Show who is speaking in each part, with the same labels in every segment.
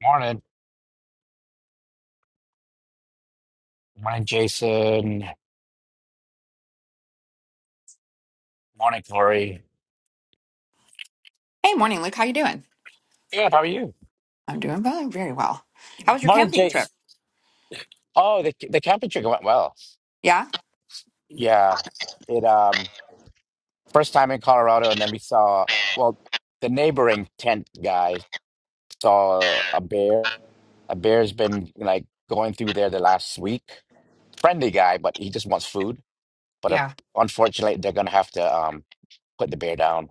Speaker 1: Morning. Morning, Jason. Morning, Corey.
Speaker 2: Hey, morning, Luke. How you doing?
Speaker 1: Good. How are you?
Speaker 2: I'm doing very, very well. How was your
Speaker 1: Morning,
Speaker 2: camping trip?
Speaker 1: Jason. Oh, the the camping trip went well.
Speaker 2: Yeah?
Speaker 1: Yeah, it um first time in Colorado, and then we saw well the neighboring tent guy saw a bear. A bear's been like going through there the last week. Friendly guy, but he just wants food. But uh,
Speaker 2: Yeah.
Speaker 1: unfortunately, they're gonna have to um put the bear down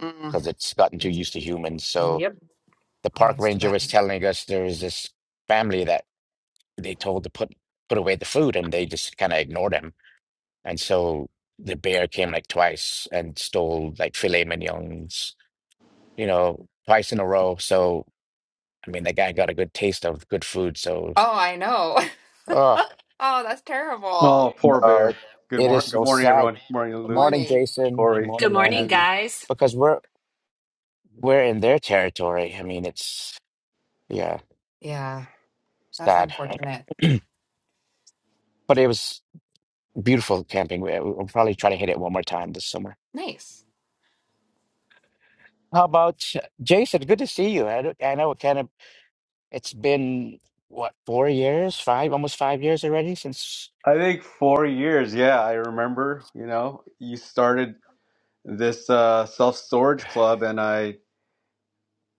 Speaker 2: Mm.
Speaker 1: because it's gotten too used to humans. So
Speaker 2: Yep.
Speaker 1: the
Speaker 2: Oh,
Speaker 1: park
Speaker 2: that's too
Speaker 1: ranger
Speaker 2: bad.
Speaker 1: was telling us there is this family that they told to put put away the food and they just kind of ignored him. And so the bear came like twice and stole like filet mignons, you know, twice in a row. So I mean, that guy got a good taste of good food. So
Speaker 2: Oh, I know.
Speaker 1: oh
Speaker 2: Oh, that's terrible.
Speaker 3: Oh, poor
Speaker 1: no,
Speaker 3: bear.
Speaker 1: it,
Speaker 3: Good
Speaker 1: it is
Speaker 3: morning. Good
Speaker 1: so
Speaker 3: morning,
Speaker 1: sad.
Speaker 3: everyone. Good morning,
Speaker 2: Good
Speaker 3: Luke,
Speaker 1: Morning,
Speaker 2: morning.
Speaker 1: Jason.
Speaker 3: Corey,
Speaker 4: Good
Speaker 1: Morning,
Speaker 4: morning,
Speaker 1: Mandy.
Speaker 3: Mandy.
Speaker 4: guys.
Speaker 1: Because we're we're in their territory. I mean, it's yeah,
Speaker 2: Yeah, that's
Speaker 1: sad.
Speaker 2: unfortunate.
Speaker 1: But it was beautiful camping. We- We'll probably try to hit it one more time this summer.
Speaker 2: Nice.
Speaker 1: How about uh, Jason? Good to see you. I, don't- I know it kind of it's been what four years, five, almost five years already since.
Speaker 3: I think four years. Yeah, I remember. You know, you started this uh, self storage club, and I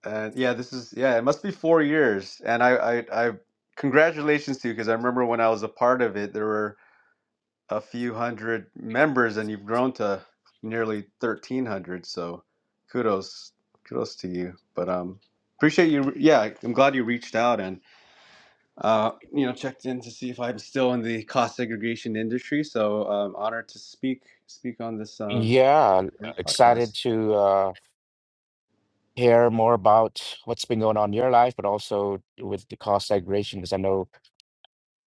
Speaker 3: and yeah, this is yeah. It must be four years. And I I, I congratulations to you because I remember when I was a part of it, there were a few hundred members, and you've grown to nearly thirteen hundred. So, kudos, kudos to you. But um, appreciate you. Yeah, I'm glad you reached out and uh, you know, checked in to see if I'm still in the cost segregation industry. So um, honored to speak speak on this um,
Speaker 1: Yeah, excited
Speaker 3: podcast.
Speaker 1: to uh, hear more about what's been going on in your life, but also with the cost segregation, because I know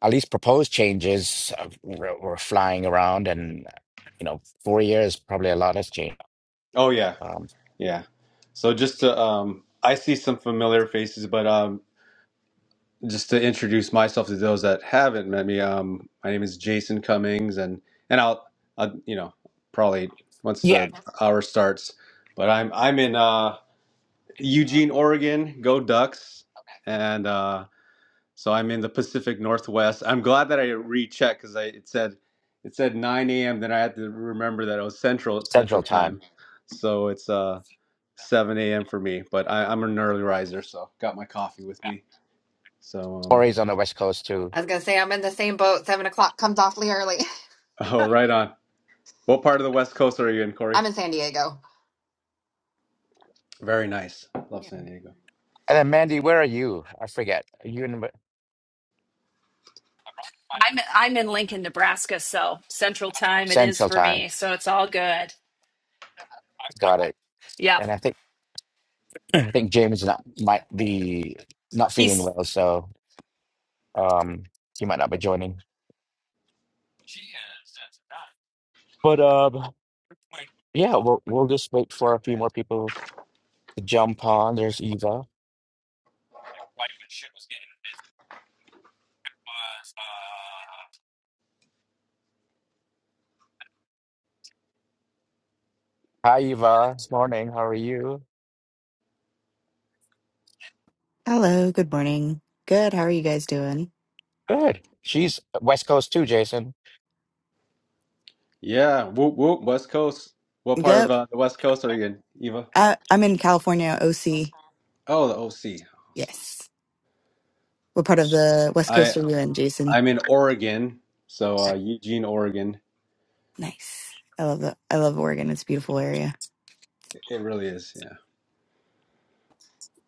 Speaker 1: at least proposed changes uh, were, were flying around, and you know, four years probably a lot has changed.
Speaker 3: Oh yeah,
Speaker 1: Um,
Speaker 3: yeah. So just to, um, I see some familiar faces, but um, just to introduce myself to those that haven't met me, um, my name is Jason Cummings, and and I'll, I'll you know probably once
Speaker 1: yeah,
Speaker 3: the hour starts, but I'm I'm in uh, Eugene, Oregon. Go Ducks! And uh, So I'm in the Pacific Northwest. I'm glad that I rechecked because I it said it said 9 a.m. Then I had to remember that it was Central Central
Speaker 1: Central Time.
Speaker 3: time, so it's uh 7 a.m. for me. But I, I'm an early riser, so got my coffee with me. So um
Speaker 1: Corey's on the West Coast too,
Speaker 2: I was gonna say I'm in the same boat. Seven o'clock comes awfully early.
Speaker 3: oh right on. What part of the West Coast are you in, Corey?
Speaker 2: I'm in San Diego.
Speaker 3: Very nice. Love
Speaker 2: Yeah.
Speaker 3: San Diego.
Speaker 1: and then Mandy, where are you? I forget. Are you in?
Speaker 4: I'm I'm in Lincoln, Nebraska, so Central Time it is
Speaker 1: Central
Speaker 4: for
Speaker 1: Time.
Speaker 4: me, so it's all good.
Speaker 1: Got it.
Speaker 4: Yep.
Speaker 1: And I think I think James not might be not feeling
Speaker 4: He's
Speaker 1: well, so um he might not be joining. But um yeah, we'll we'll just wait for a few more people to jump on. There's Eva. Hi Eva. This morning. How are you?
Speaker 5: Hello, good morning. Good. How are you guys doing?
Speaker 1: Good. She's West Coast too, Jason.
Speaker 3: Yeah, whoop whoop West Coast. What part of
Speaker 5: Yep.
Speaker 3: uh, the West Coast are you in, Eva?
Speaker 5: I, I'm in California, OC.
Speaker 3: Oh, the OC. Awesome.
Speaker 5: Yes. We're part of the West
Speaker 3: I
Speaker 5: Coaster UN, Jason.
Speaker 3: I'm in Oregon, so uh, Eugene, Oregon.
Speaker 5: Nice. I love the I love Oregon. It's a beautiful area.
Speaker 3: It really is, yeah.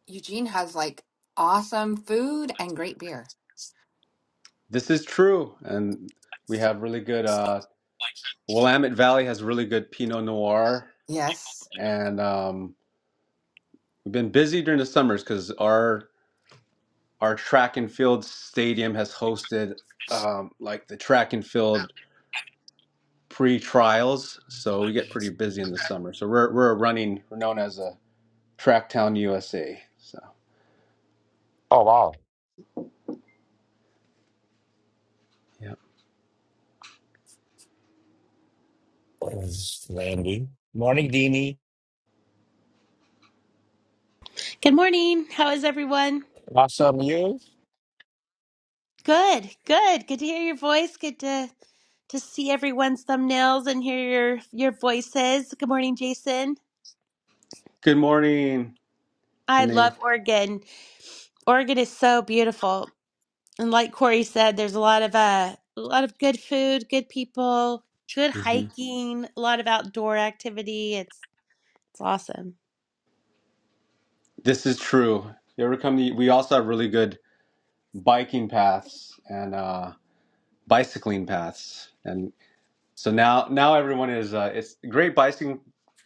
Speaker 2: Eugene has like awesome food and great beer.
Speaker 3: This is true, and we have really good. Uh, Willamette Valley has really good Pinot Noir,
Speaker 2: Yes.
Speaker 3: and um, we've been busy during the summers because our our track and field stadium has hosted um, like the track and field pre trials, so we get pretty busy in the summer. So we're we're running. We're known as a Track Town USA. So
Speaker 1: Oh wow.
Speaker 3: yeah.
Speaker 1: Landy. Morning, Dini.
Speaker 6: Good morning. How is everyone?
Speaker 1: Awesome you.
Speaker 6: Good, good. Good to hear your voice. Good to to see everyone's thumbnails and hear your your voices. Good morning, Jason.
Speaker 3: Good morning,
Speaker 6: I
Speaker 3: Denise.
Speaker 6: love Oregon. Oregon is so beautiful, and like Corey said, there's a lot of uh, a lot of good food, good people, good
Speaker 3: hmm
Speaker 6: hiking, a lot of outdoor activity. It's it's awesome.
Speaker 3: This is true. You ever come? To, we also have really good biking paths and uh, bicycling paths, and so now now everyone is uh, it's great bicycling.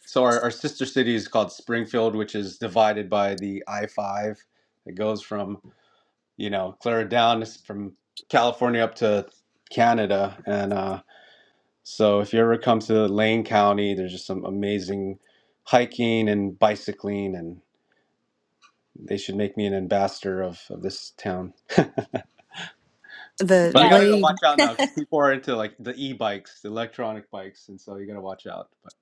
Speaker 3: So our, our sister city is called Springfield, which is divided by the I five. It goes from you know Clara down from California up to Canada, and uh, so if you ever come to Lane County, there's just some amazing hiking and bicycling, and they should make me an ambassador of, of this town.
Speaker 5: The
Speaker 3: But I
Speaker 1: Did
Speaker 6: Yes.
Speaker 3: gotta
Speaker 5: way
Speaker 3: watch out now because people are into like the e-bikes, the electronic bikes, and so you gotta watch out. But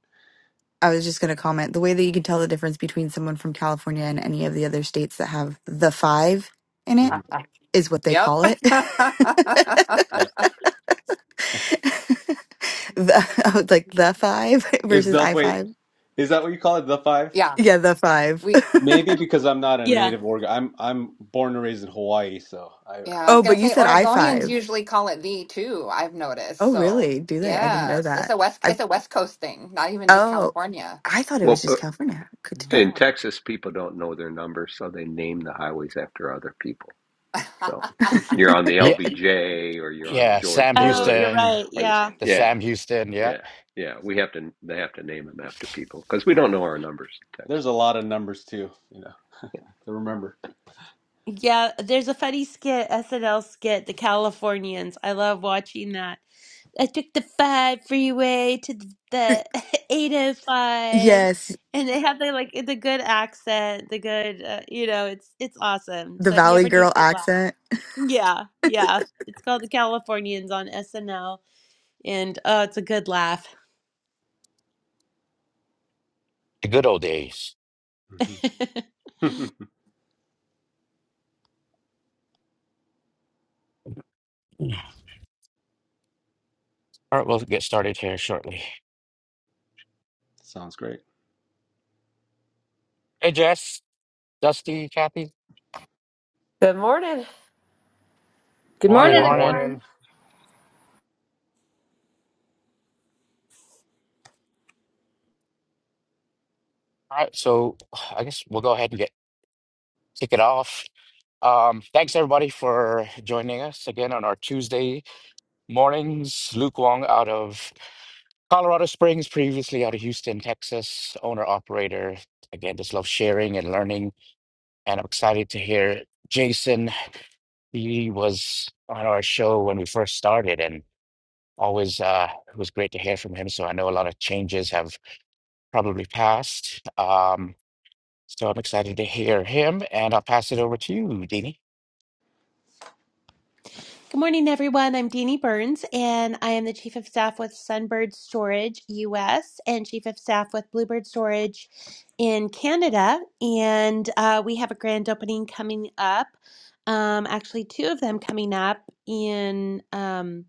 Speaker 5: I was just going to comment, the way that you can tell the difference between someone from California and any of the other states that have the 5 in it
Speaker 3: Mhm.
Speaker 5: is what they
Speaker 2: Yep.
Speaker 5: call it.
Speaker 3: yeah,
Speaker 5: the, I was like the 5
Speaker 3: is
Speaker 5: versus
Speaker 3: the wait
Speaker 5: I5.
Speaker 3: is that what you call it? The five?
Speaker 2: Yeah.
Speaker 5: Yeah, the 5.
Speaker 2: We.
Speaker 3: Maybe because I'm not a
Speaker 6: Yeah.
Speaker 3: native org. I'm I'm born and raised in Hawaii, so I
Speaker 2: Yeah, I was
Speaker 5: oh, but
Speaker 2: gonna
Speaker 5: you
Speaker 2: say
Speaker 5: said
Speaker 2: Oregonians
Speaker 5: I5.
Speaker 2: usually call it V too, I've noticed.
Speaker 5: Oh,
Speaker 2: So
Speaker 5: really? Do they? I didn't know
Speaker 2: yes, it's
Speaker 5: that.
Speaker 2: a West
Speaker 5: I
Speaker 2: it's a West Coast thing, not even just
Speaker 5: oh,
Speaker 2: California.
Speaker 5: I thought it was
Speaker 7: Well, uh,
Speaker 5: just California. Good to know.
Speaker 7: in
Speaker 2: No.
Speaker 7: Texas, people don't know their numbers, so they name the highways after other people. So
Speaker 2: Hi,
Speaker 7: you're on the LBJ or you're on the
Speaker 1: Yeah,
Speaker 7: George
Speaker 1: Sam
Speaker 6: Oh,
Speaker 7: Bush
Speaker 6: you're
Speaker 1: Houston,
Speaker 6: right.
Speaker 7: or this.
Speaker 6: Yeah.
Speaker 1: the
Speaker 7: Yeah,
Speaker 1: Sam Houston, yeah,
Speaker 7: yeah, yeah. We have to, they have to name them after people because we don't know our numbers in
Speaker 3: there's
Speaker 7: Texas.
Speaker 3: a lot of numbers too, you know, to remember.
Speaker 6: Yeah, there's a funny skit, SNL skit, The Californians. I love watching that. I took the five freeway to th- the 805,
Speaker 5: Yes,
Speaker 6: and they have the like the good accent, the good, uh, you know, it's it's awesome.
Speaker 5: the
Speaker 6: So if you
Speaker 5: Valley
Speaker 6: ever need
Speaker 5: Girl
Speaker 6: a good laugh,
Speaker 5: accent.
Speaker 6: yeah, yeah, it's called The Californians on SNL, and oh, it's a good laugh.
Speaker 1: the good old days.
Speaker 3: Mhm.
Speaker 1: Mm. All right, we'll get started here shortly.
Speaker 3: Sounds great.
Speaker 1: Hey, Jess, Dusty, Kathy,
Speaker 8: Good morning.
Speaker 9: Good
Speaker 1: morning,
Speaker 9: morning,
Speaker 10: Good
Speaker 1: morning.
Speaker 9: everyone.
Speaker 10: morning.
Speaker 1: All right, so I guess we'll go ahead and get kick it off. Um, thanks everybody for joining us again on our Tuesday mornings. Luke Wong out of Colorado Springs, previously out of Houston, Texas, owner operator. Again, just love sharing and learning, and I'm excited to hear Jason. He was on our show when we first started, and always uh, it was great to hear from him. So I know a lot of changes have probably passed. Um, so I'm excited to hear him, and I'll pass it over to you, Dini.
Speaker 6: Good morning, everyone. I'm Deanie Burns, and I am the Chief of Staff with Sunbird Storage US and Chief of Staff with Bluebird Storage in Canada. And uh, we have a grand opening coming up, um, actually, two of them coming up in. um,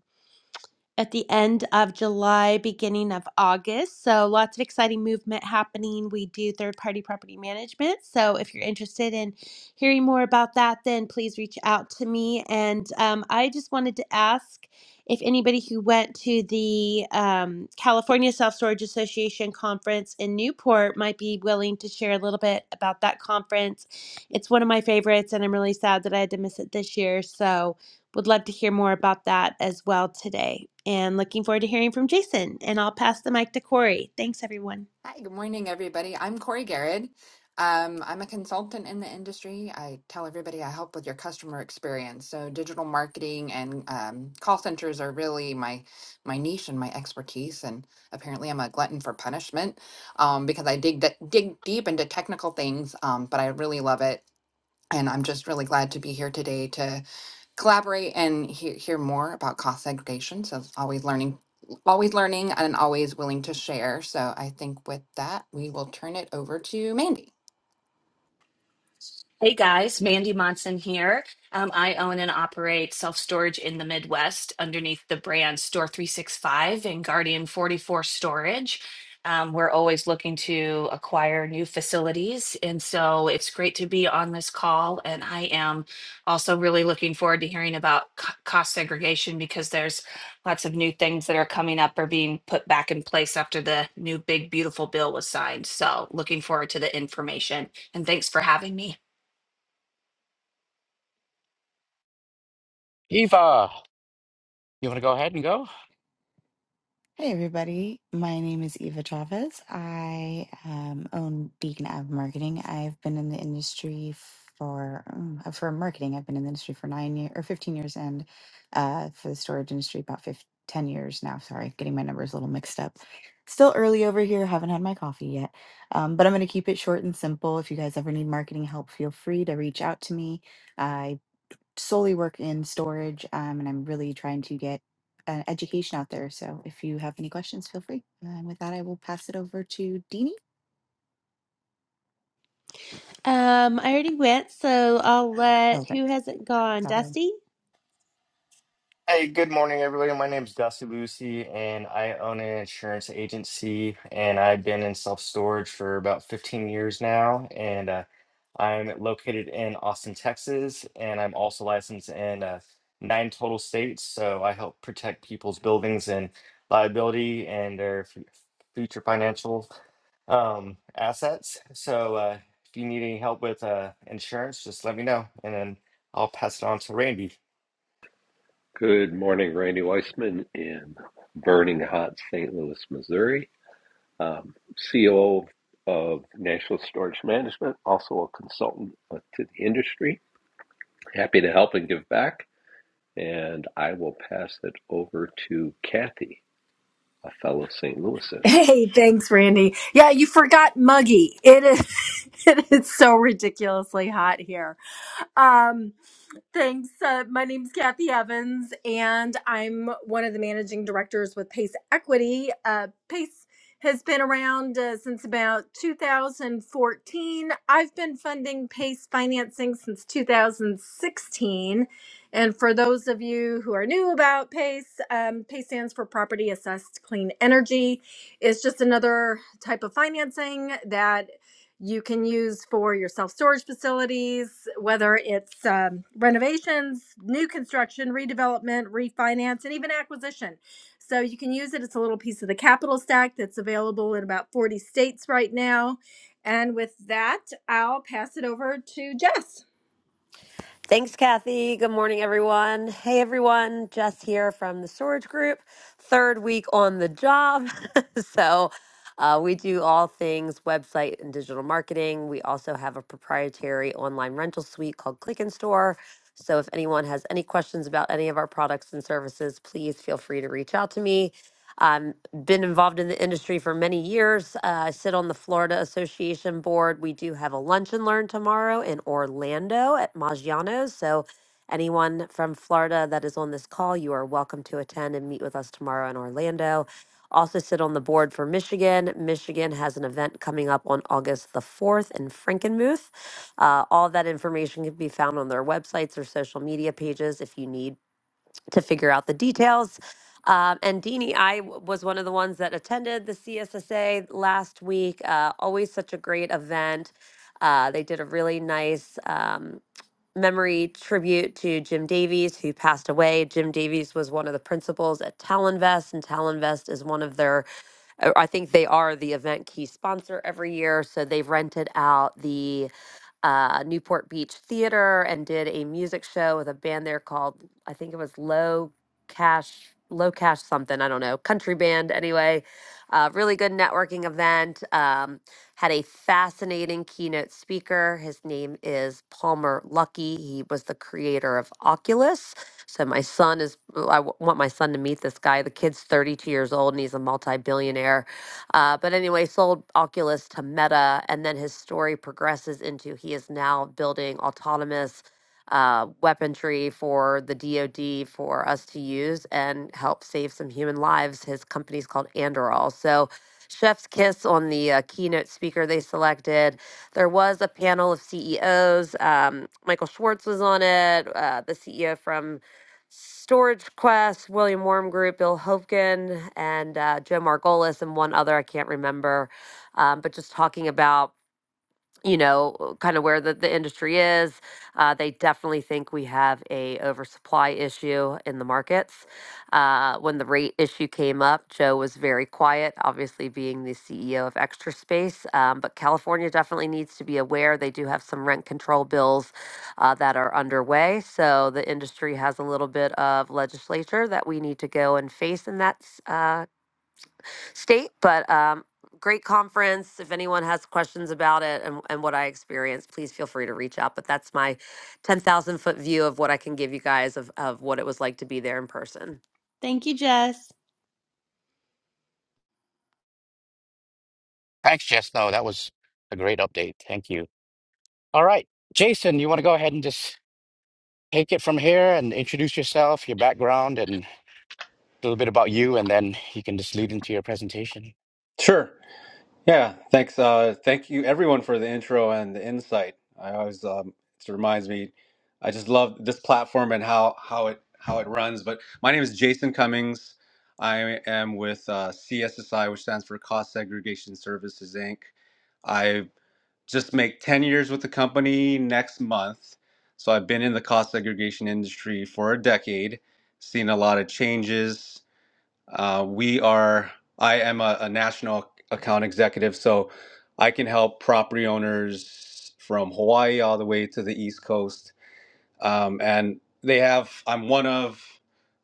Speaker 6: at the end of July, beginning of August. So, lots of exciting movement happening. We do third party property management. So, if you're interested in hearing more about that, then please reach out to me. And um, I just wanted to ask if anybody who went to the um, California Self Storage Association conference in Newport might be willing to share a little bit about that conference. It's one of my favorites, and I'm really sad that I had to miss it this year. So, would love to hear more about that as well today. And looking forward to hearing from Jason. And I'll pass the mic to Corey. Thanks, everyone.
Speaker 2: good morning, everybody. I'm Corey Garrett. Um, I'm a consultant in the industry. I tell everybody I help with your customer experience. So digital marketing and um, call centers are really my my niche and my expertise. And apparently, I'm a glutton for punishment um, because I dig de- dig deep into technical things. Um, but I really love it. And I'm just really glad to be here today to collaborate and hear, hear more about cost segregation. So it's always learning, always learning and always willing to share. So I think with that, we will turn it over to Mandy.
Speaker 4: Hey guys, Mandy Monson here. Um, I own and operate self storage in the Midwest underneath the brand Store 365 and Guardian 44 Storage. Um, we're always looking to acquire new facilities. And so it's great to be on this call. And I am also really looking forward to hearing about co- cost segregation because there's lots of new things that are coming up or being put back in place after the new big, beautiful bill was signed. So looking forward to the information. And thanks for having me.
Speaker 1: Eva, you want to go ahead and go?
Speaker 5: Hey everybody, my name is Eva Chavez. I um, own Beacon Ave Marketing. I've been in the industry for um, for marketing. I've been in the industry for nine years or fifteen years, and uh, for the storage industry about 15, ten years now. Sorry, getting my numbers a little mixed up. Still early over here. Haven't had my coffee yet, um, but I'm going to keep it short and simple. If you guys ever need marketing help, feel free to reach out to me. I solely work in storage, um, and I'm really trying to get uh, education out there. So if you have any questions, feel free. And with that, I will pass it over to Deanie.
Speaker 6: Um, I already went, so I'll
Speaker 5: Oh,
Speaker 6: let
Speaker 5: okay,
Speaker 6: who hasn't gone?
Speaker 5: sorry.
Speaker 6: Dusty?
Speaker 10: Hey, good morning, everybody. My name is Dusty Lucy, and I own an insurance agency, and I've been in self-storage for about 15 years now, and uh, I'm located in Austin, Texas, and I'm also licensed in uh, nine total states, so I help protect people's buildings and liability and their fu- future financial um, assets. So uh, if you need any help with uh, insurance, just let me know, and then I'll pass it on to Randy.
Speaker 7: Good morning, Randy Weissman in burning hot St. Louis, Missouri. Um, COO of National Storage Management, also a consultant uh, to the industry. Happy to help and give back. And I will pass it over to Kathy, a fellow St. Louisan.
Speaker 9: Hey, thanks, Randy. Yeah, you forgot Muggy. It is it is so ridiculously hot here. Um Thanks. Uh, my name's Kathy Evans, and I'm one of the managing directors with Pace Equity. Uh, Pace has been around uh, since about 2014. I've been funding Pace financing since 2016. And for those of you who are new about PACE, um, PACE stands for Property Assessed Clean Energy. It's just another type of financing that you can use for your self storage facilities, whether it's um, renovations, new construction, redevelopment, refinance, and even acquisition. So you can use it. It's a little piece of the capital stack that's available in about 40 states right now. And with that, I'll pass it over to Jess.
Speaker 8: Thanks, Kathy. Good morning, everyone. Hey, everyone. Jess here from the Storage Group, third week on the job. so, uh, we do all things website and digital marketing. We also have a proprietary online rental suite called Click and Store. So, if anyone has any questions about any of our products and services, please feel free to reach out to me. Um, been involved in the industry for many years. Uh, I sit on the Florida Association board. We do have a lunch and learn tomorrow in Orlando at Maggiano's. So, anyone from Florida that is on this call, you are welcome to attend and meet with us tomorrow in Orlando. Also, sit on the board for Michigan. Michigan has an event coming up on August the 4th in Frankenmuth. Uh, all that information can be found on their websites or social media pages if you need to figure out the details. Um, and Deanie, I w- was one of the ones that attended the CSSA last week. Uh, always such a great event. Uh, they did a really nice um, memory tribute to Jim Davies, who passed away. Jim Davies was one of the principals at Talinvest, and Talinvest is one of their, uh, I think they are the event key sponsor every year. So they've rented out the uh, Newport Beach Theater and did a music show with a band there called I think it was Low Cash Low Cash something I don't know country band anyway uh, really good networking event. Um, had a fascinating keynote speaker. His name is Palmer Luckey. He was the creator of Oculus. So my son is. I w- want my son to meet this guy. The kid's 32 years old and he's a multi-billionaire. Uh, but anyway, sold Oculus to Meta, and then his story progresses into he is now building autonomous uh, weaponry for the DoD for us to use and help save some human lives. His company's called Anduril. So, Chef's Kiss on the uh, keynote speaker they selected. There was a panel of CEOs. Um, Michael Schwartz was on it, uh, the CEO from Storage Quest, William Worm Group, Bill Hopkin, and uh, Joe Margolis, and one other I can't remember. Um, but just talking about you know uh, kind of where the, the industry is uh, they definitely think we have a oversupply issue in the markets uh, when the rate issue came up joe was very quiet obviously being the ceo of extra space um, but california definitely needs to be aware they do have some rent control bills uh, that are underway so the industry has a little bit of legislature that we need to go and face in that s- uh, state. But um, great conference. If anyone has questions about it and, and what I experienced, please feel free to reach out. But that's my 10,000 foot view of what I can give you guys of, of what it was like to be there in person.
Speaker 6: Thank you, Jess.
Speaker 1: Thanks, Jess. No, that was a great update. Thank you. All right, Jason, you want to go ahead and just take it from here and introduce yourself, your background, and a little bit about you, and then you can just lead into your presentation.
Speaker 3: Sure. Yeah, thanks. Uh, thank you, everyone, for the intro and the insight. I always um, it reminds me. I just love this platform and how how it how it runs. But my name is Jason Cummings. I am with uh, CSSI, which stands for Cost Segregation Services Inc. I just make ten years with the company next month, so I've been in the cost segregation industry for a decade, seen a lot of changes, uh, we are, I am a, a national account executive, so I can help property owners from Hawaii all the way to the East Coast. Um, and they have, I'm one of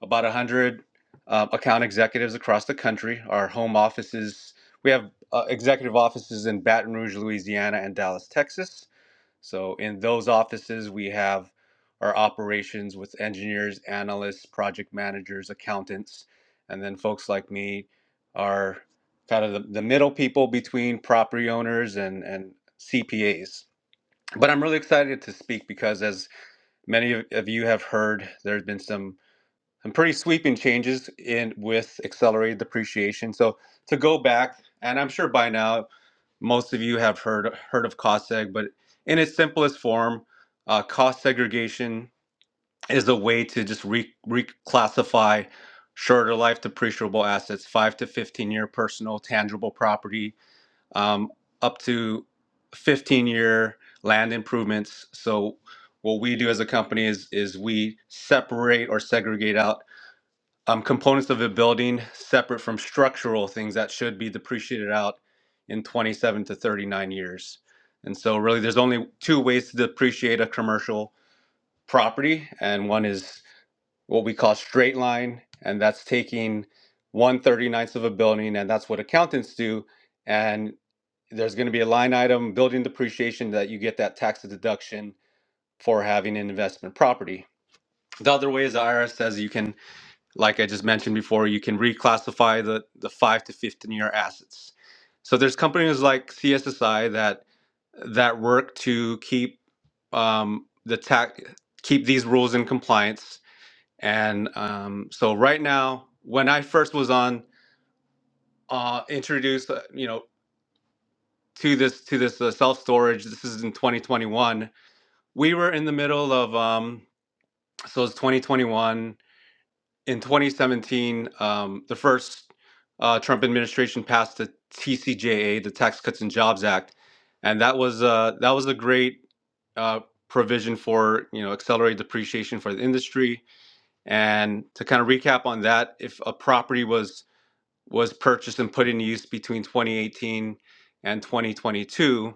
Speaker 3: about 100 uh, account executives across the country. Our home offices, we have uh, executive offices in Baton Rouge, Louisiana, and Dallas, Texas. So in those offices, we have our operations with engineers, analysts, project managers, accountants, and then folks like me are kind of the, the middle people between property owners and, and CPAs. But I'm really excited to speak because as many of of you have heard, there's been some some pretty sweeping changes in with accelerated depreciation. So to go back, and I'm sure by now most of you have heard heard of cost seg, but in its simplest form, uh, cost segregation is a way to just re- reclassify shorter life depreciable assets, five to fifteen year personal tangible property, um, up to fifteen year land improvements. So what we do as a company is is we separate or segregate out um, components of a building separate from structural things that should be depreciated out in 27 to 39 years. And so, really, there's only two ways to depreciate a commercial property, and one is what we call straight line, and that's taking one 39th of a building, and that's what accountants do. And there's going to be a line item, building depreciation, that you get that tax deduction for having an investment property. The other way is the IRS says you can like I just mentioned before, you can reclassify the, the five to 15 year assets. So there's companies like CSSI that that work to keep um, the tax keep these rules in compliance. And um, so right now, when I first was on uh, introduced, uh, you know, to this to this uh, self storage, this is in 2021. We were in the middle of um, so it's 2021. in 2017, um, the first uh, Trump administration passed the TCJA, the Tax Cuts and Jobs Act, and that was uh, that was a great uh, provision for you know accelerated depreciation for the industry. And to kind of recap on that, if a property was was purchased and put in use between 2018 and 2022,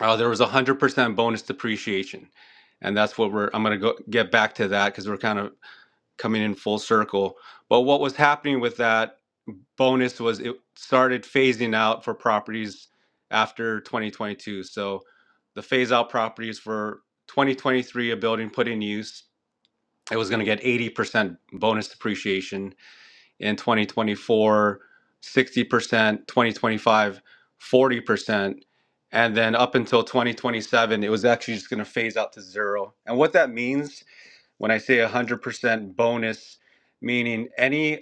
Speaker 3: uh, there was 100% bonus depreciation, and that's what we're. I'm going to go get back to that because we're kind of coming in full circle. But what was happening with that bonus was it started phasing out for properties after 2022. So the phase out properties for 2023, a building put in use, it was going to get 80% bonus depreciation. In 2024, 60%, 2025, 40%. And then up until 2027, it was actually just going to phase out to zero. And what that means when I say 100% bonus, meaning any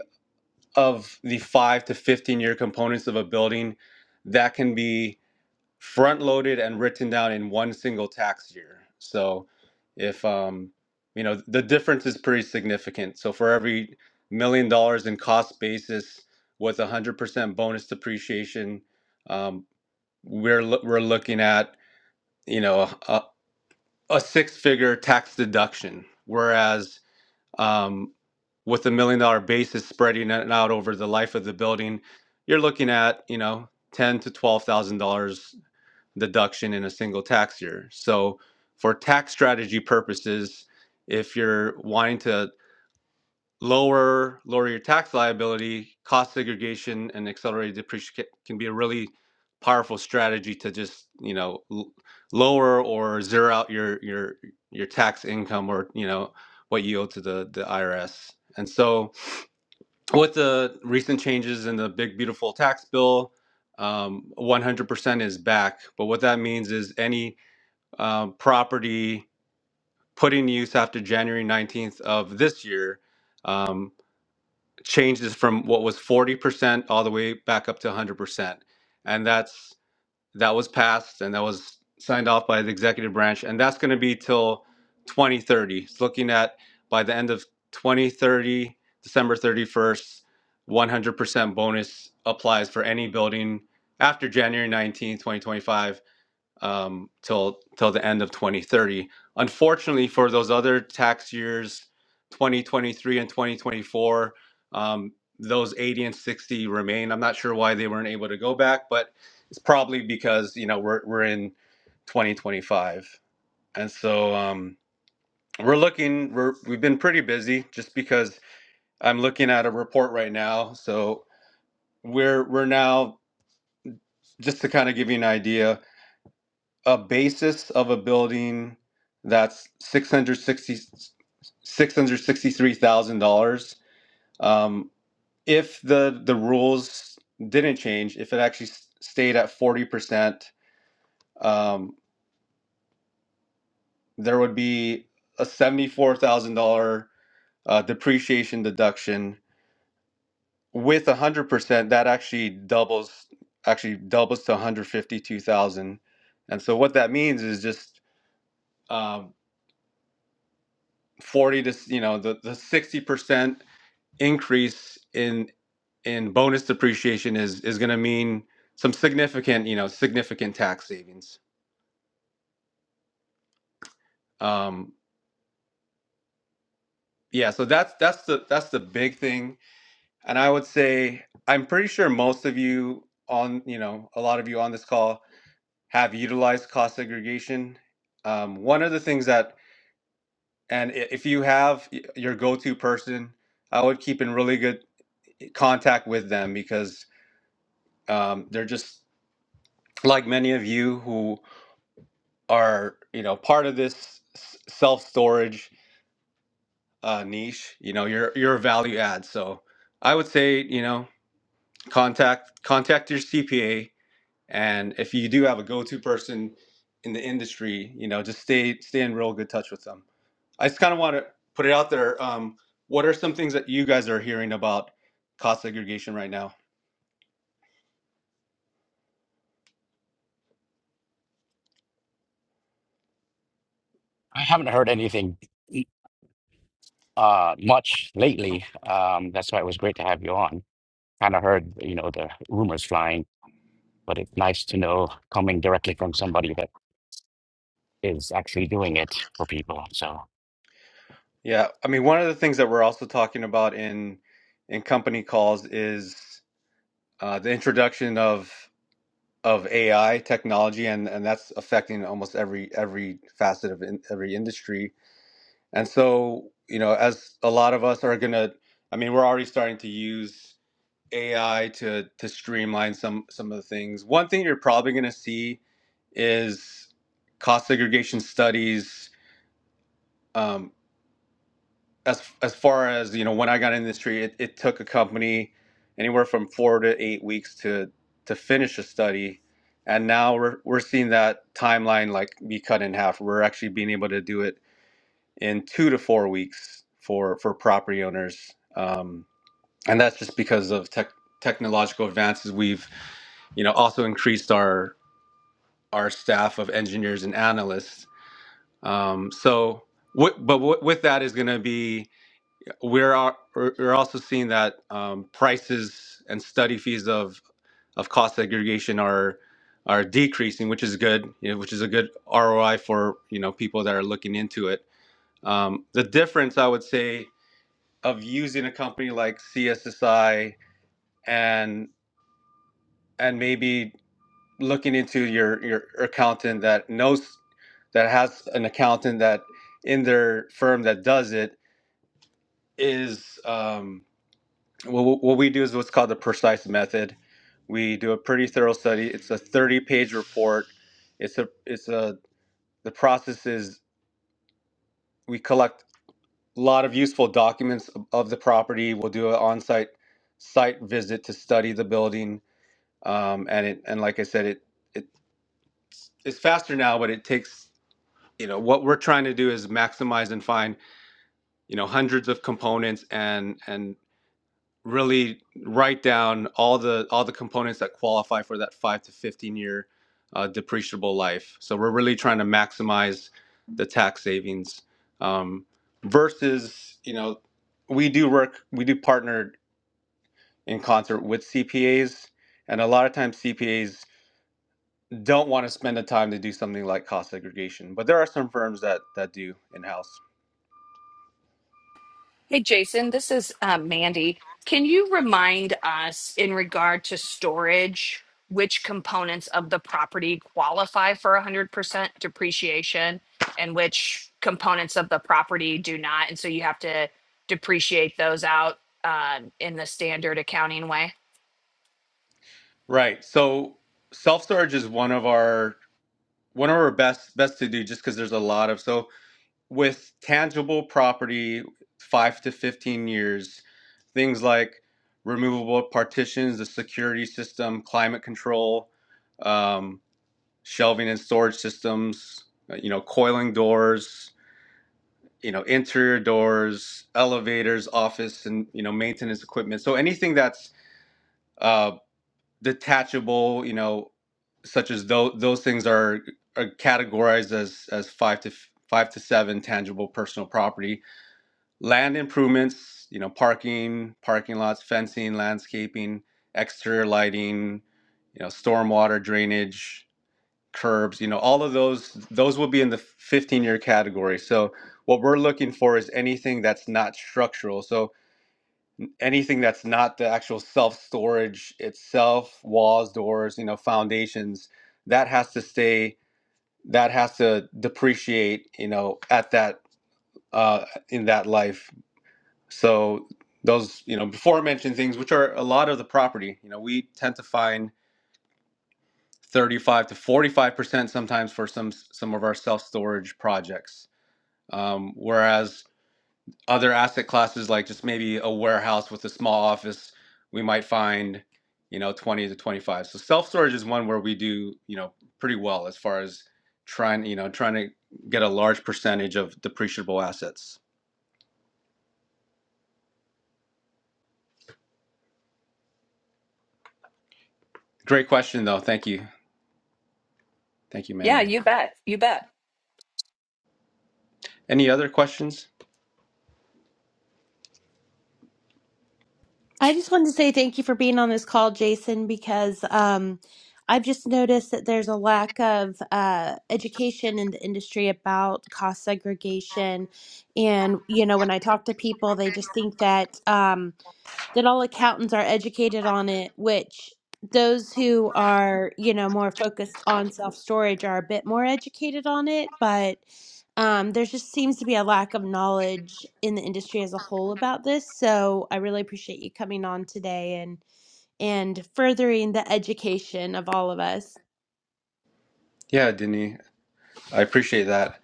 Speaker 3: of the 5 to 15 year components of a building that can be front loaded and written down in one single tax year. So if um you know the difference is pretty significant. So for every million dollars in cost basis with 100% bonus depreciation, um, we're lo- we're looking at you know a, a six figure tax deduction. Whereas um, with a million dollar basis spreading it out over the life of the building, you're looking at, you know, ten to twelve thousand dollars deduction in a single tax year. So for tax strategy purposes, if you're wanting to lower lower your tax liability, cost segregation and accelerated depreciation can be a really powerful strategy to just, you know, l- lower or zero out your your your tax income or, you know, what you owe to the the IRS. And so with the recent changes in the big beautiful tax bill um, 100% is back but what that means is any um, property put in use after january 19th of this year um, changes from what was 40% all the way back up to 100% and that's that was passed and that was signed off by the executive branch and that's going to be till 2030 it's looking at by the end of 2030 december 31st 100% bonus applies for any building after january 19 2025 um, till till the end of 2030. Unfortunately, for those other tax years, 2023 and 2024, um, those 80 and 60 remain. I'm not sure why they weren't able to go back, but it's probably because you know we're we're in 2025, and so um, we're looking. We're we've been pretty busy just because I'm looking at a report right now. So we're we're now just to kind of give you an idea a basis of a building that's six hundred sixty six hundred sixty three thousand dollars Um, if the the rules didn't change, if it actually s- stayed at 40%, um, there would be a $74,000 uh, depreciation deduction. With 100%, that actually doubles actually doubles to 152,000. And so what that means is just um, 40 to you know the the 60 percent increase in in bonus depreciation is is going to mean some significant you know significant tax savings um yeah so that's that's the that's the big thing and i would say i'm pretty sure most of you on you know a lot of you on this call have utilized cost segregation um, one of the things that and if you have your go-to person i would keep in really good contact with them because um, they're just like many of you who are you know part of this self storage uh, niche you know you're you're a value add so i would say you know contact contact your cpa and if you do have a go-to person in the industry you know just stay stay in real good touch with them i just kind of want to put it out there um, what are some things that you guys are hearing about cost segregation right now
Speaker 1: I haven't heard anything uh much lately. Um, that's why it was great to have you on. Kind of heard, you know, the rumors flying, but it's nice to know coming directly from somebody that is actually doing it for people. So
Speaker 3: yeah i mean one of the things that we're also talking about in in company calls is uh, the introduction of of AI technology, and and that's affecting almost every every facet of in, every industry. And so, you know, as a lot of us are gonna, I mean, we're already starting to use AI to to streamline some some of the things. One thing you're probably gonna see is cost segregation studies. um, as as far as you know when i got in the industry it, it took a company anywhere from four to eight weeks to to finish a study and now we're, we're seeing that timeline like be cut in half we're actually being able to do it in two to four weeks for for property owners um, and that's just because of tech technological advances we've you know also increased our our staff of engineers and analysts um, so what but what, with that is going to be we're al- we're also seeing that um, prices and study fees of of cost segregation are are decreasing, which is good. You know, which is a good ROI for you know people that are looking into it. Um, the difference, I would say, of using a company like CSSI and and maybe looking into your your accountant that knows that has an accountant that in their firm that does it is. Um, what, what we do is what's called the precise method we do a pretty thorough study it's a 30 page report it's a it's a the process is we collect a lot of useful documents of of the property we'll do an on-site site visit to study the building um, and it and like i said it it is faster now but it takes you know what we're trying to do is maximize and find you know hundreds of components and and really write down all the all the components that qualify for that five to fifteen year uh, depreciable life. So we're really trying to maximize the tax savings um, versus you know we do work we do partner in concert with CPAs, and a lot of times CPAs don't want to spend the time to do something like cost segregation, but there are some firms that that do in house.
Speaker 4: Hey, Jason, this is uh, Mandy. Can you remind us in regard to storage, which components of the property qualify for 100% depreciation and which components of the property do not? And so you have to depreciate those out um, in the standard accounting way?
Speaker 3: Right. So self storage is one of our one of our best best to do just because there's a lot of so with tangible property, five to 15 years, things like removable partitions, the security system, climate control, um, shelving and storage systems, uh, you know, coiling doors, you know, interior doors, elevators, office, and, you know, maintenance equipment. So anything that's uh, detachable, you know, such as those, those things are, are categorized as, as five to five to seven tangible personal property land improvements, you know, parking, parking lots, fencing, landscaping, exterior lighting, you know, stormwater drainage, curbs, you know, all of those, those will be in the 15 year category. So what we're looking for is anything that's not structural. So anything that's not the actual self storage itself, walls, doors, you know, foundations, that has to stay, that has to depreciate, you know, at that, uh, in that life so those, you know, before mentioned things, which are a lot of the property, you know, we tend to find 35 to 45 percent sometimes for some some of our self storage projects, um, whereas other asset classes like just maybe a warehouse with a small office, we might find, you know, 20 to 25. So self storage is one where we do, you know, pretty well as far as trying, you know, trying to get a large percentage of depreciable assets. Great question though. Thank you. Thank you,
Speaker 4: Yeah,
Speaker 3: Mandy.
Speaker 4: you bet. You bet.
Speaker 3: Any other questions?
Speaker 6: I just wanted to say thank you for being on this call, Jason, because um, I've just noticed that there's a lack of uh, education in the industry about cost segregation. And, you know, when I talk to people, they just think that. Um, that all accountants are educated on it, which those who are, you know, more focused on self storage are a bit more educated on it, but um, there just seems to be a lack of knowledge in the industry as a whole about this. So I really appreciate you coming on today and and furthering the education of all of us.
Speaker 3: Yeah, Denis, I appreciate that.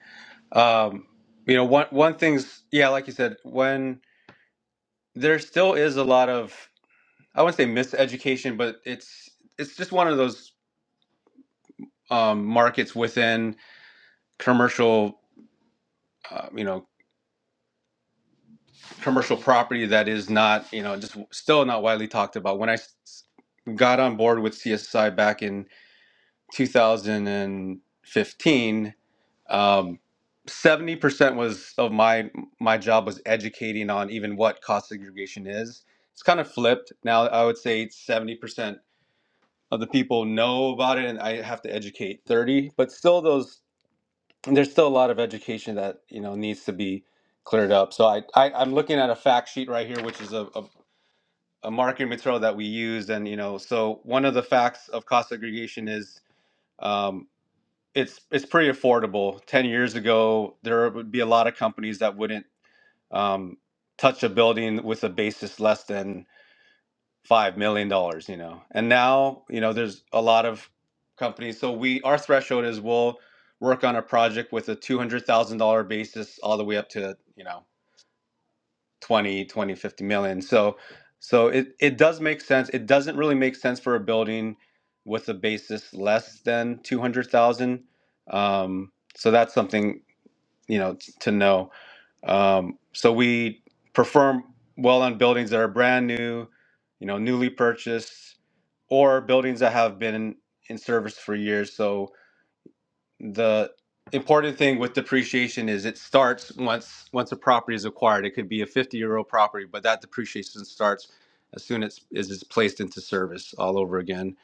Speaker 3: Um, you know, one one thing's yeah, like you said, when there still is a lot of I wouldn't say miseducation, but it's it's just one of those um, markets within commercial, uh, you know, commercial property that is not you know just still not widely talked about. When I s- got on board with CSI back in 2015 Um, 70% was of my my job was educating on even what cost segregation is. It's kind of flipped. Now I would say 70% of the people know about it and I have to educate 30, but still those there's still a lot of education that, you know, needs to be cleared up. So I, I I'm looking at a fact sheet right here which is a, a a marketing material that we use, and you know so one of the facts of cost segregation is um, it's it's pretty affordable. Ten years ago, there would be a lot of companies that wouldn't um, touch a building with a basis less than five million dollars. You know, and now you know there's a lot of companies. So we our threshold is we'll work on a project with a two hundred thousand dollar basis all the way up to you know Twenty, twenty, fifty million. so so it it does make sense it doesn't really make sense for a building with a basis less than 200,000 um so that's something you know t- to know um so we perform well on buildings that are brand new you know newly purchased or buildings that have been in, in service for years So the important thing with depreciation is it starts once once a property is acquired. It could be a 50 year old property, but that depreciation starts as soon as it's placed into service all over again.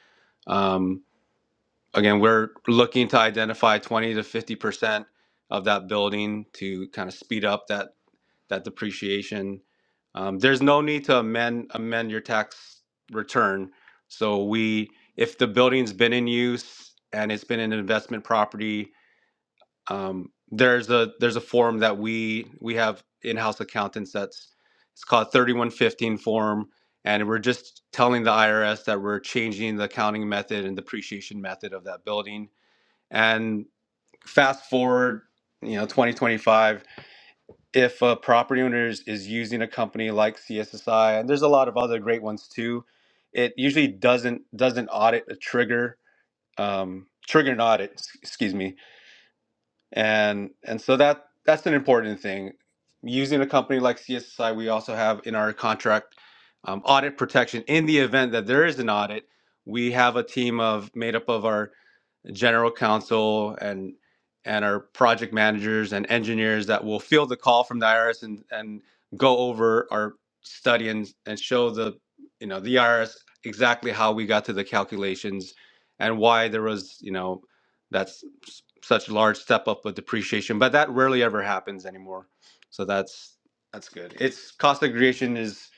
Speaker 3: Um, again, we're looking to identify 20 to 50 percent of that building to kind of speed up that that depreciation. Um, there's no need to amend amend your tax return. So we if the building's been in use and it's been an investment property um, there's a there's a form that we we have in-house accountants that's it's called 3115 form and we're just telling the irs that we're changing the accounting method and depreciation method of that building and fast forward you know 2025 if a property owner is, is using a company like cssi and there's a lot of other great ones too it usually doesn't doesn't audit a trigger um, trigger an audit s- excuse me and and so that that's an important thing using a company like cssi we also have in our contract um, audit protection in the event that there is an audit we have a team of made up of our general counsel and and our project managers and engineers that will field the call from the IRS and and go over our study and and show the you know the IRS exactly how we got to the calculations and why there was you know that's s- such large step up of depreciation but that rarely ever happens anymore so that's that's good it's cost segregation is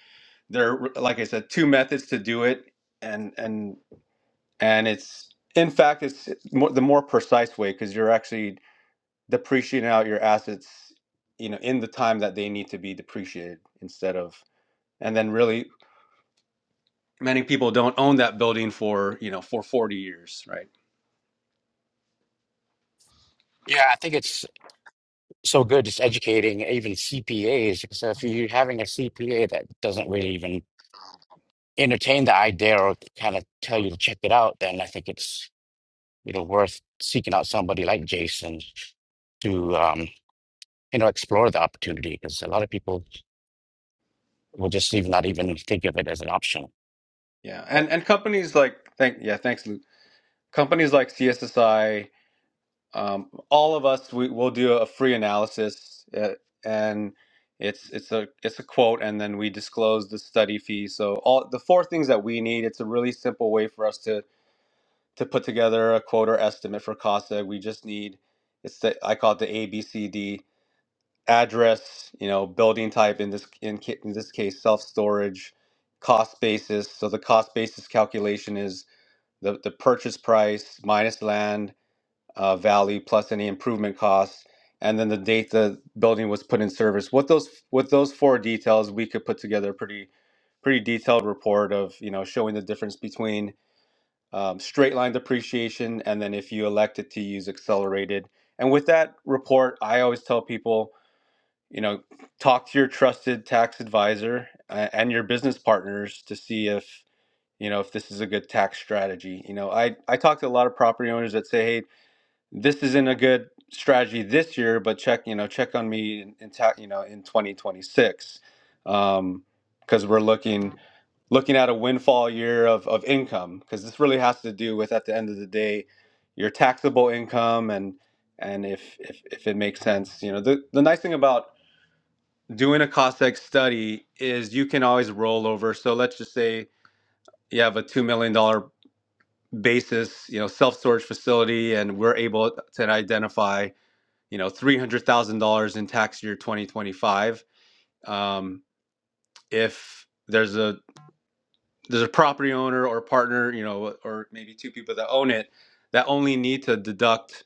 Speaker 3: there are, like i said two methods to do it and and and it's in fact it's more, the more precise way because you're actually depreciating out your assets you know in the time that they need to be depreciated instead of and then really many people don't own that building for you know for 40 years right
Speaker 1: yeah, I think it's so good. It's educating even CPAs. So if you're having a CPA that doesn't really even entertain the idea or kind of tell you to check it out, then I think it's, you know, worth seeking out somebody like Jason to um, you know, explore the opportunity because a lot of people We'll just even not even think of it as an option.
Speaker 3: yeah
Speaker 1: But
Speaker 3: and and companies like thank yeah thanks luke companies like cssi um, all of us we, we'll do a free analysis uh, and it's it's a it's a quote and then we disclose the study fee so all the four things that we need it's a really simple way for us to to put together a quote or estimate for casa we just need it's the i call it the abcd address you know building type in this in, ca- in this case self-storage cost basis so the cost basis calculation is the, the purchase price minus land uh, value plus any improvement costs, and then the date the building was put in service. With those with those four details, we could put together a pretty pretty detailed report of you know showing the difference between um, straight line depreciation and then if you elected to use accelerated. And with that report, I always tell people you know talk to your trusted tax advisor uh, and your business partners to see if you know if this is a good tax strategy you know i i talk to a lot of property owners that say hey this isn't a good strategy this year, but check, you know, check on me in, in ta- you know, in 2026. Um, because we're looking looking at a windfall year of, of income because this really has to do with at the end of the day your taxable income and and if if, if it makes sense you know the, the nice thing about doing a costex study is you can always roll over so let's just say you have a $2 million dollar basis you know self-storage facility and we're able to identify you know three hundred thousand dollars in tax year twenty twenty five. Um, if there's a there's a property owner or partner, you know, or maybe two people that own it that only need to deduct,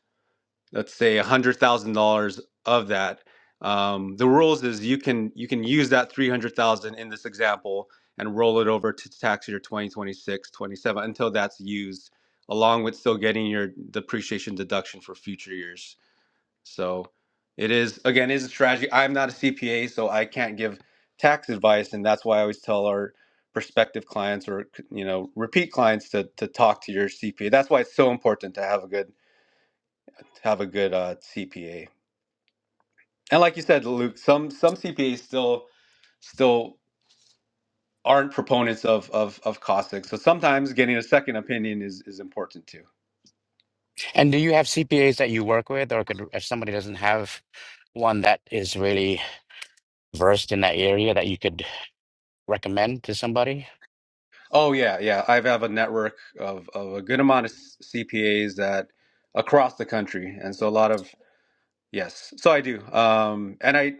Speaker 3: let's say, one hundred thousand dollars of that. Um, the rules is you can you can use that three hundred thousand dollars in this example and roll it over to tax year 2026 27 until that's used along with still getting your depreciation deduction for future years so it is again it is a strategy. I'm not a CPA, so I can't give tax advice, and that's why I always tell our prospective clients or you know repeat clients to to talk to your CPA. That's why it's so important to have a good to have a good uh, CPA. And like you said, Luke, some some CPAs still still aren't proponents of of of caustic. So sometimes getting a second opinion is is important too.
Speaker 1: and do you have CPAs that you work with, or could if somebody doesn't have one that is really versed in that area that you could recommend to somebody?
Speaker 3: Oh yeah, yeah. I have a network of of a good amount of CPAs that across the country, and so a lot of Yes, so I do. Um, and I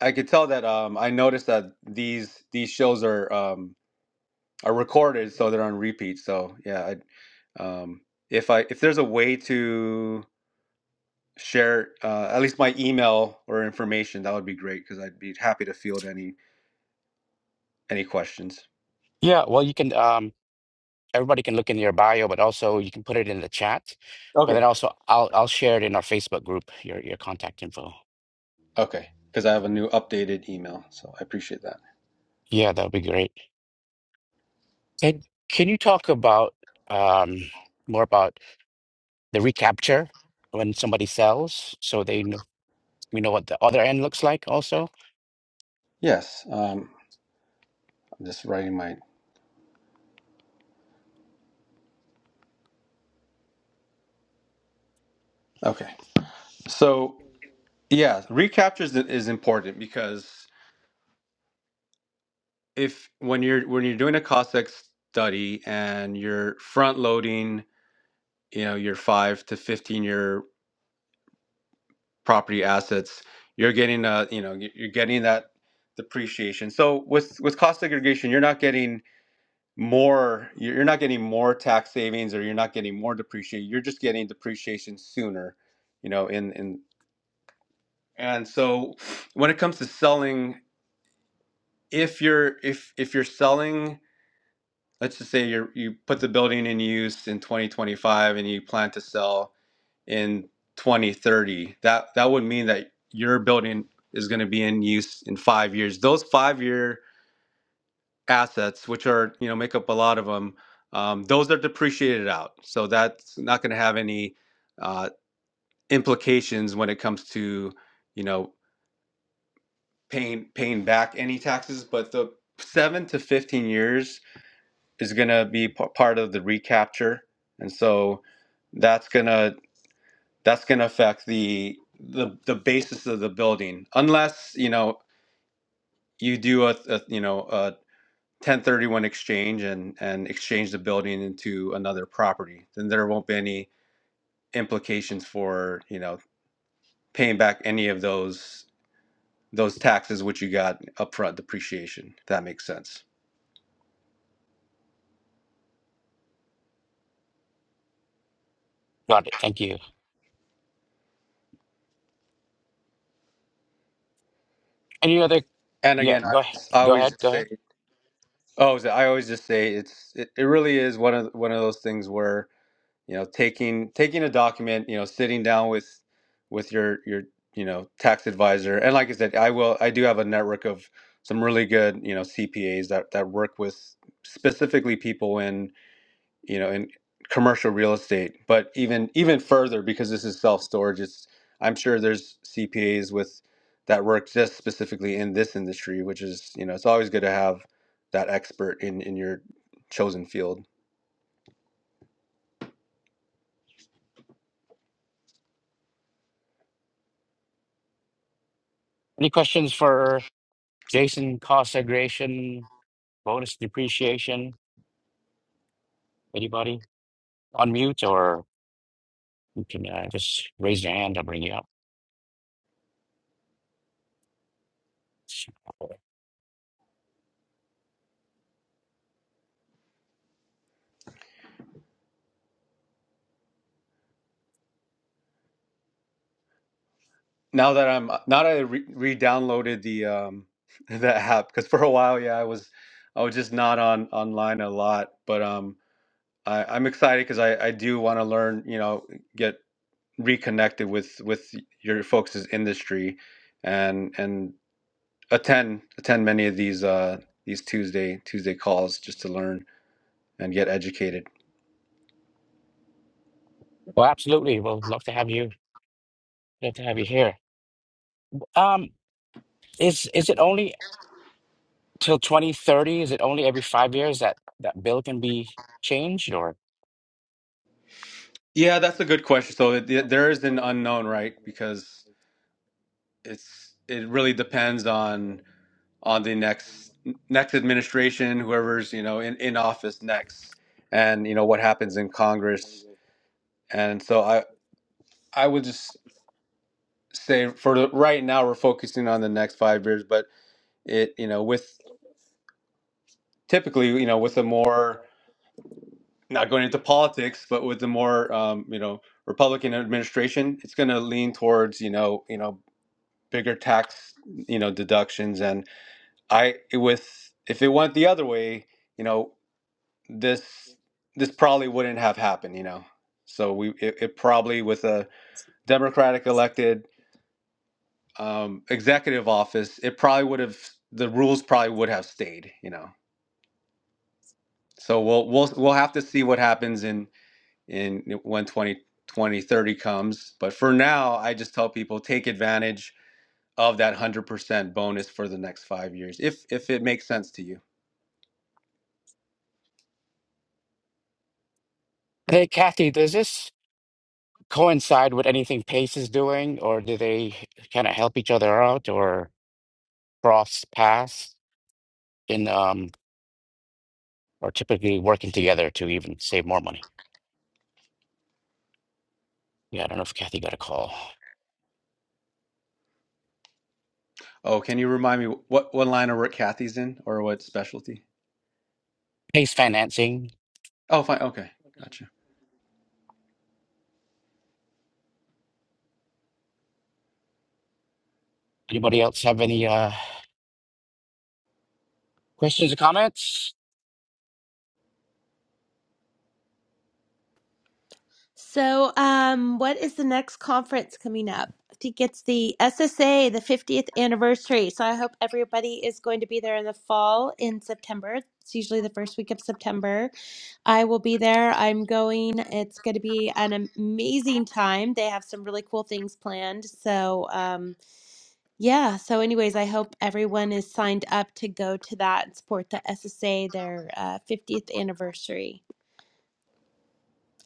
Speaker 3: I could tell that um, I noticed that these these shows are um, are recorded, so they're on repeat. So yeah, I, um, if I if there's a way to share uh, at least my email or information, that would be great because I'd be happy to field any any questions.
Speaker 1: Yeah, well, you can. Um, everybody can look in your bio, but also you can put it in the chat. But
Speaker 3: Okay.
Speaker 1: then also I'll I'll share it in our Facebook group, your your contact info.
Speaker 3: Okay, because I have a new updated email, so I appreciate that.
Speaker 1: Yeah, that would be great. And can you talk about um more about the recapture when somebody sells so they know we know what the other end looks like also?
Speaker 3: Yes, um, I'm just writing my. Okay, so yeah, recaptures is important because if when you're when you're doing a cost X study and you're front loading, you know, your five to fifteen year property assets, you're getting a you know you- are getting that depreciation. So with with cost segregation, you're not getting more you're you're not getting more tax savings or you're not getting more depreciation. You're just getting depreciation sooner, you know. In in and so when it comes to selling, if you're if if you're selling let's just say you you put the building in use in 2025 and you plan to sell in 2030 that that would mean that your building is going to be in use in five years those five year assets which are you know make up a lot of them um, those are depreciated out so that's not going to have any uh, implications when it comes to you know paying paying back any taxes but the seven to 15 years is going to be p- part of the recapture and so that's going to that's going to affect the, the the basis of the building unless you know you do a, a you know a 1031 exchange and and exchange the building into another property then there won't be any implications for you know paying back any of those those taxes which you got upfront depreciation if that makes sense
Speaker 1: Got it. Thank you. Any other
Speaker 3: and
Speaker 1: yeah,
Speaker 3: again i
Speaker 1: go ahead.
Speaker 3: always, I
Speaker 1: Go
Speaker 3: always
Speaker 1: ahead.
Speaker 3: just
Speaker 1: Go
Speaker 3: say
Speaker 1: ahead.
Speaker 3: Oh, so I always just say it's it, it really is one of one of those things where, you know, taking taking a document, you know, sitting down with with your your, you know, tax advisor. And like I said, I will I do have a network of some really good, you know, CPAs that that work with specifically people in you know, in commercial real estate. But even even further, because this is self storage, it's I'm sure there's CPAs with that work just specifically in this industry, which is you know, it's always good to have that expert in in your chosen field.
Speaker 1: Any questions for Jason cost segregation, bonus depreciation? Anybody on mute or can uh, just raise your hand. I'll bring you up. Well,
Speaker 3: Now that I'm now that I re- re-downloaded the um the app because for a while, yeah, I was I was just not on online a lot, but um. I, I'm excited because I, I do want to learn, you know, get reconnected with with your folks' industry and and attend attend many of these uh these Tuesday Tuesday calls just to learn and get educated.
Speaker 1: absolutely. We'll love to have you. Love to have you here. Um, is is it only till 2030? Is it only every five years that that bill can be changed? Or
Speaker 3: Yeah, that's a good question. So it, there is an unknown, right? Because it's it really depends on on the next next administration, whoever's, you know, in in office next and you know what happens in Congress. And so I I would just say for the, right now we're focusing on the next 5 years, but it you know with typically you know with a more not going into politics but with the more um, you know republican administration it's going to lean towards you know you know bigger tax you know deductions and i with if it went the other way you know this this probably wouldn't have happened you know so we it, it probably with a democratic elected um, executive office it probably would have the rules probably would have stayed you know so we'll we'll we'll have to see what happens in in when 20 20 30 comes. But for now, I just tell people take advantage of that 100% bonus for the next five years, if if it makes sense to you.
Speaker 1: hey, Kathy, does this coincide with anything PACE is doing, or do they kind of help each other out, or cross paths in um, or typically working together to even save more money? Yeah, I don't know if Kathy got a call.
Speaker 3: Oh, can you remind me what, what line of work Kathy's in or what specialty?
Speaker 1: PACE financing.
Speaker 3: Oh, fine. Okay. Gotcha.
Speaker 1: Anybody else have any uh, questions or comments?
Speaker 6: So, um, what is the next conference coming up? I think it's the SSA, the 50th anniversary. So, I hope everybody is going to be there in the fall in September. It's usually the first week of September. I will be there. I'm going. It's going to be an amazing time. They have some really cool things planned. So, um, yeah. So, anyways, I hope everyone is signed up to go to that and support the SSA, their uh, 50th anniversary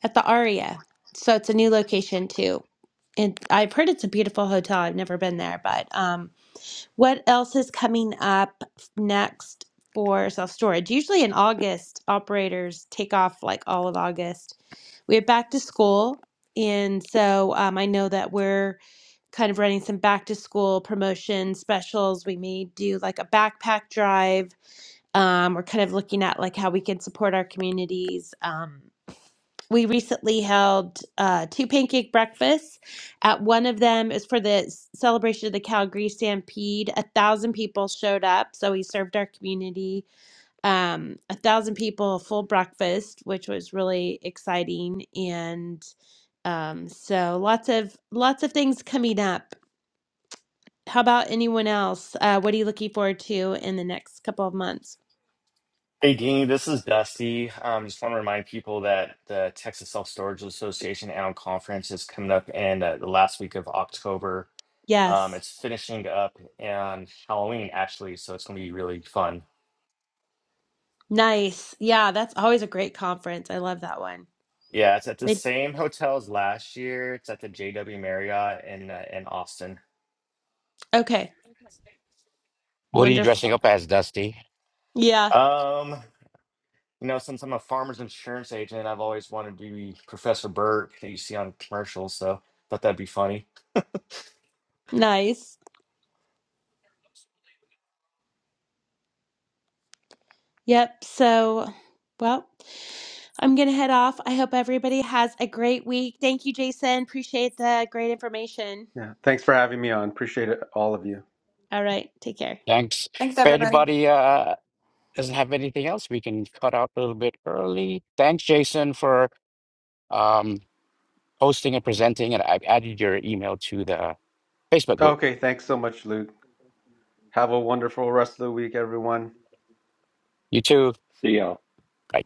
Speaker 6: at the ARIA. So, it's a new location too. And I've heard it's a beautiful hotel. I've never been there, but um, what else is coming up next for self storage? Usually in August, operators take off like all of August. We have back to school. And so um, I know that we're kind of running some back to school promotion specials. We may do like a backpack drive. Um, we're kind of looking at like how we can support our communities. Um we recently held uh, two pancake breakfasts. At one of them is for the s- celebration of the Calgary Stampede. A thousand people showed up, so we served our community um, a thousand people a full breakfast, which was really exciting. And um, so lots of lots of things coming up. How about anyone else? Uh, what are you looking forward to in the next couple of months?
Speaker 10: Hey, Dean, this is Dusty. Um, just want to remind people that the Texas Self Storage Association Annual Conference is coming up in uh, the last week of October. Um,
Speaker 6: Yes,
Speaker 10: it's finishing up on Halloween, actually, so it's going to be really fun.
Speaker 6: nice. Yeah, that's always a great conference. I love that one.
Speaker 10: Yeah, it's at the
Speaker 6: They
Speaker 10: same hotel as last year. It's at the JW Marriott in uh, in Austin.
Speaker 6: okay.
Speaker 1: What are you
Speaker 6: Wonderful.
Speaker 1: dressing up as, Dusty?
Speaker 6: Yeah,
Speaker 10: Um, you know, since I'm a farmer's insurance agent, I've always wanted to be Professor Burke that you see on commercials, so thought that'd be funny.
Speaker 6: nice. Yep. So, well, I'm going to head off. I hope everybody has a great week. Thank you, Jason. Appreciate the great information.
Speaker 3: Yeah. Thanks for having me on. Appreciate it, all of you.
Speaker 6: All right. Take care.
Speaker 1: Thanks.
Speaker 2: Thanks,
Speaker 1: If
Speaker 2: everybody.
Speaker 1: anybody uh, doesn't have anything else, we can cut out a little bit early. Thanks, Jason, for um, hosting and presenting. And I've added your email to the Facebook group.
Speaker 3: Okay. Thanks so much, Luke. Have a wonderful rest of the week, everyone.
Speaker 1: You too.
Speaker 7: See y'all.
Speaker 1: Bye.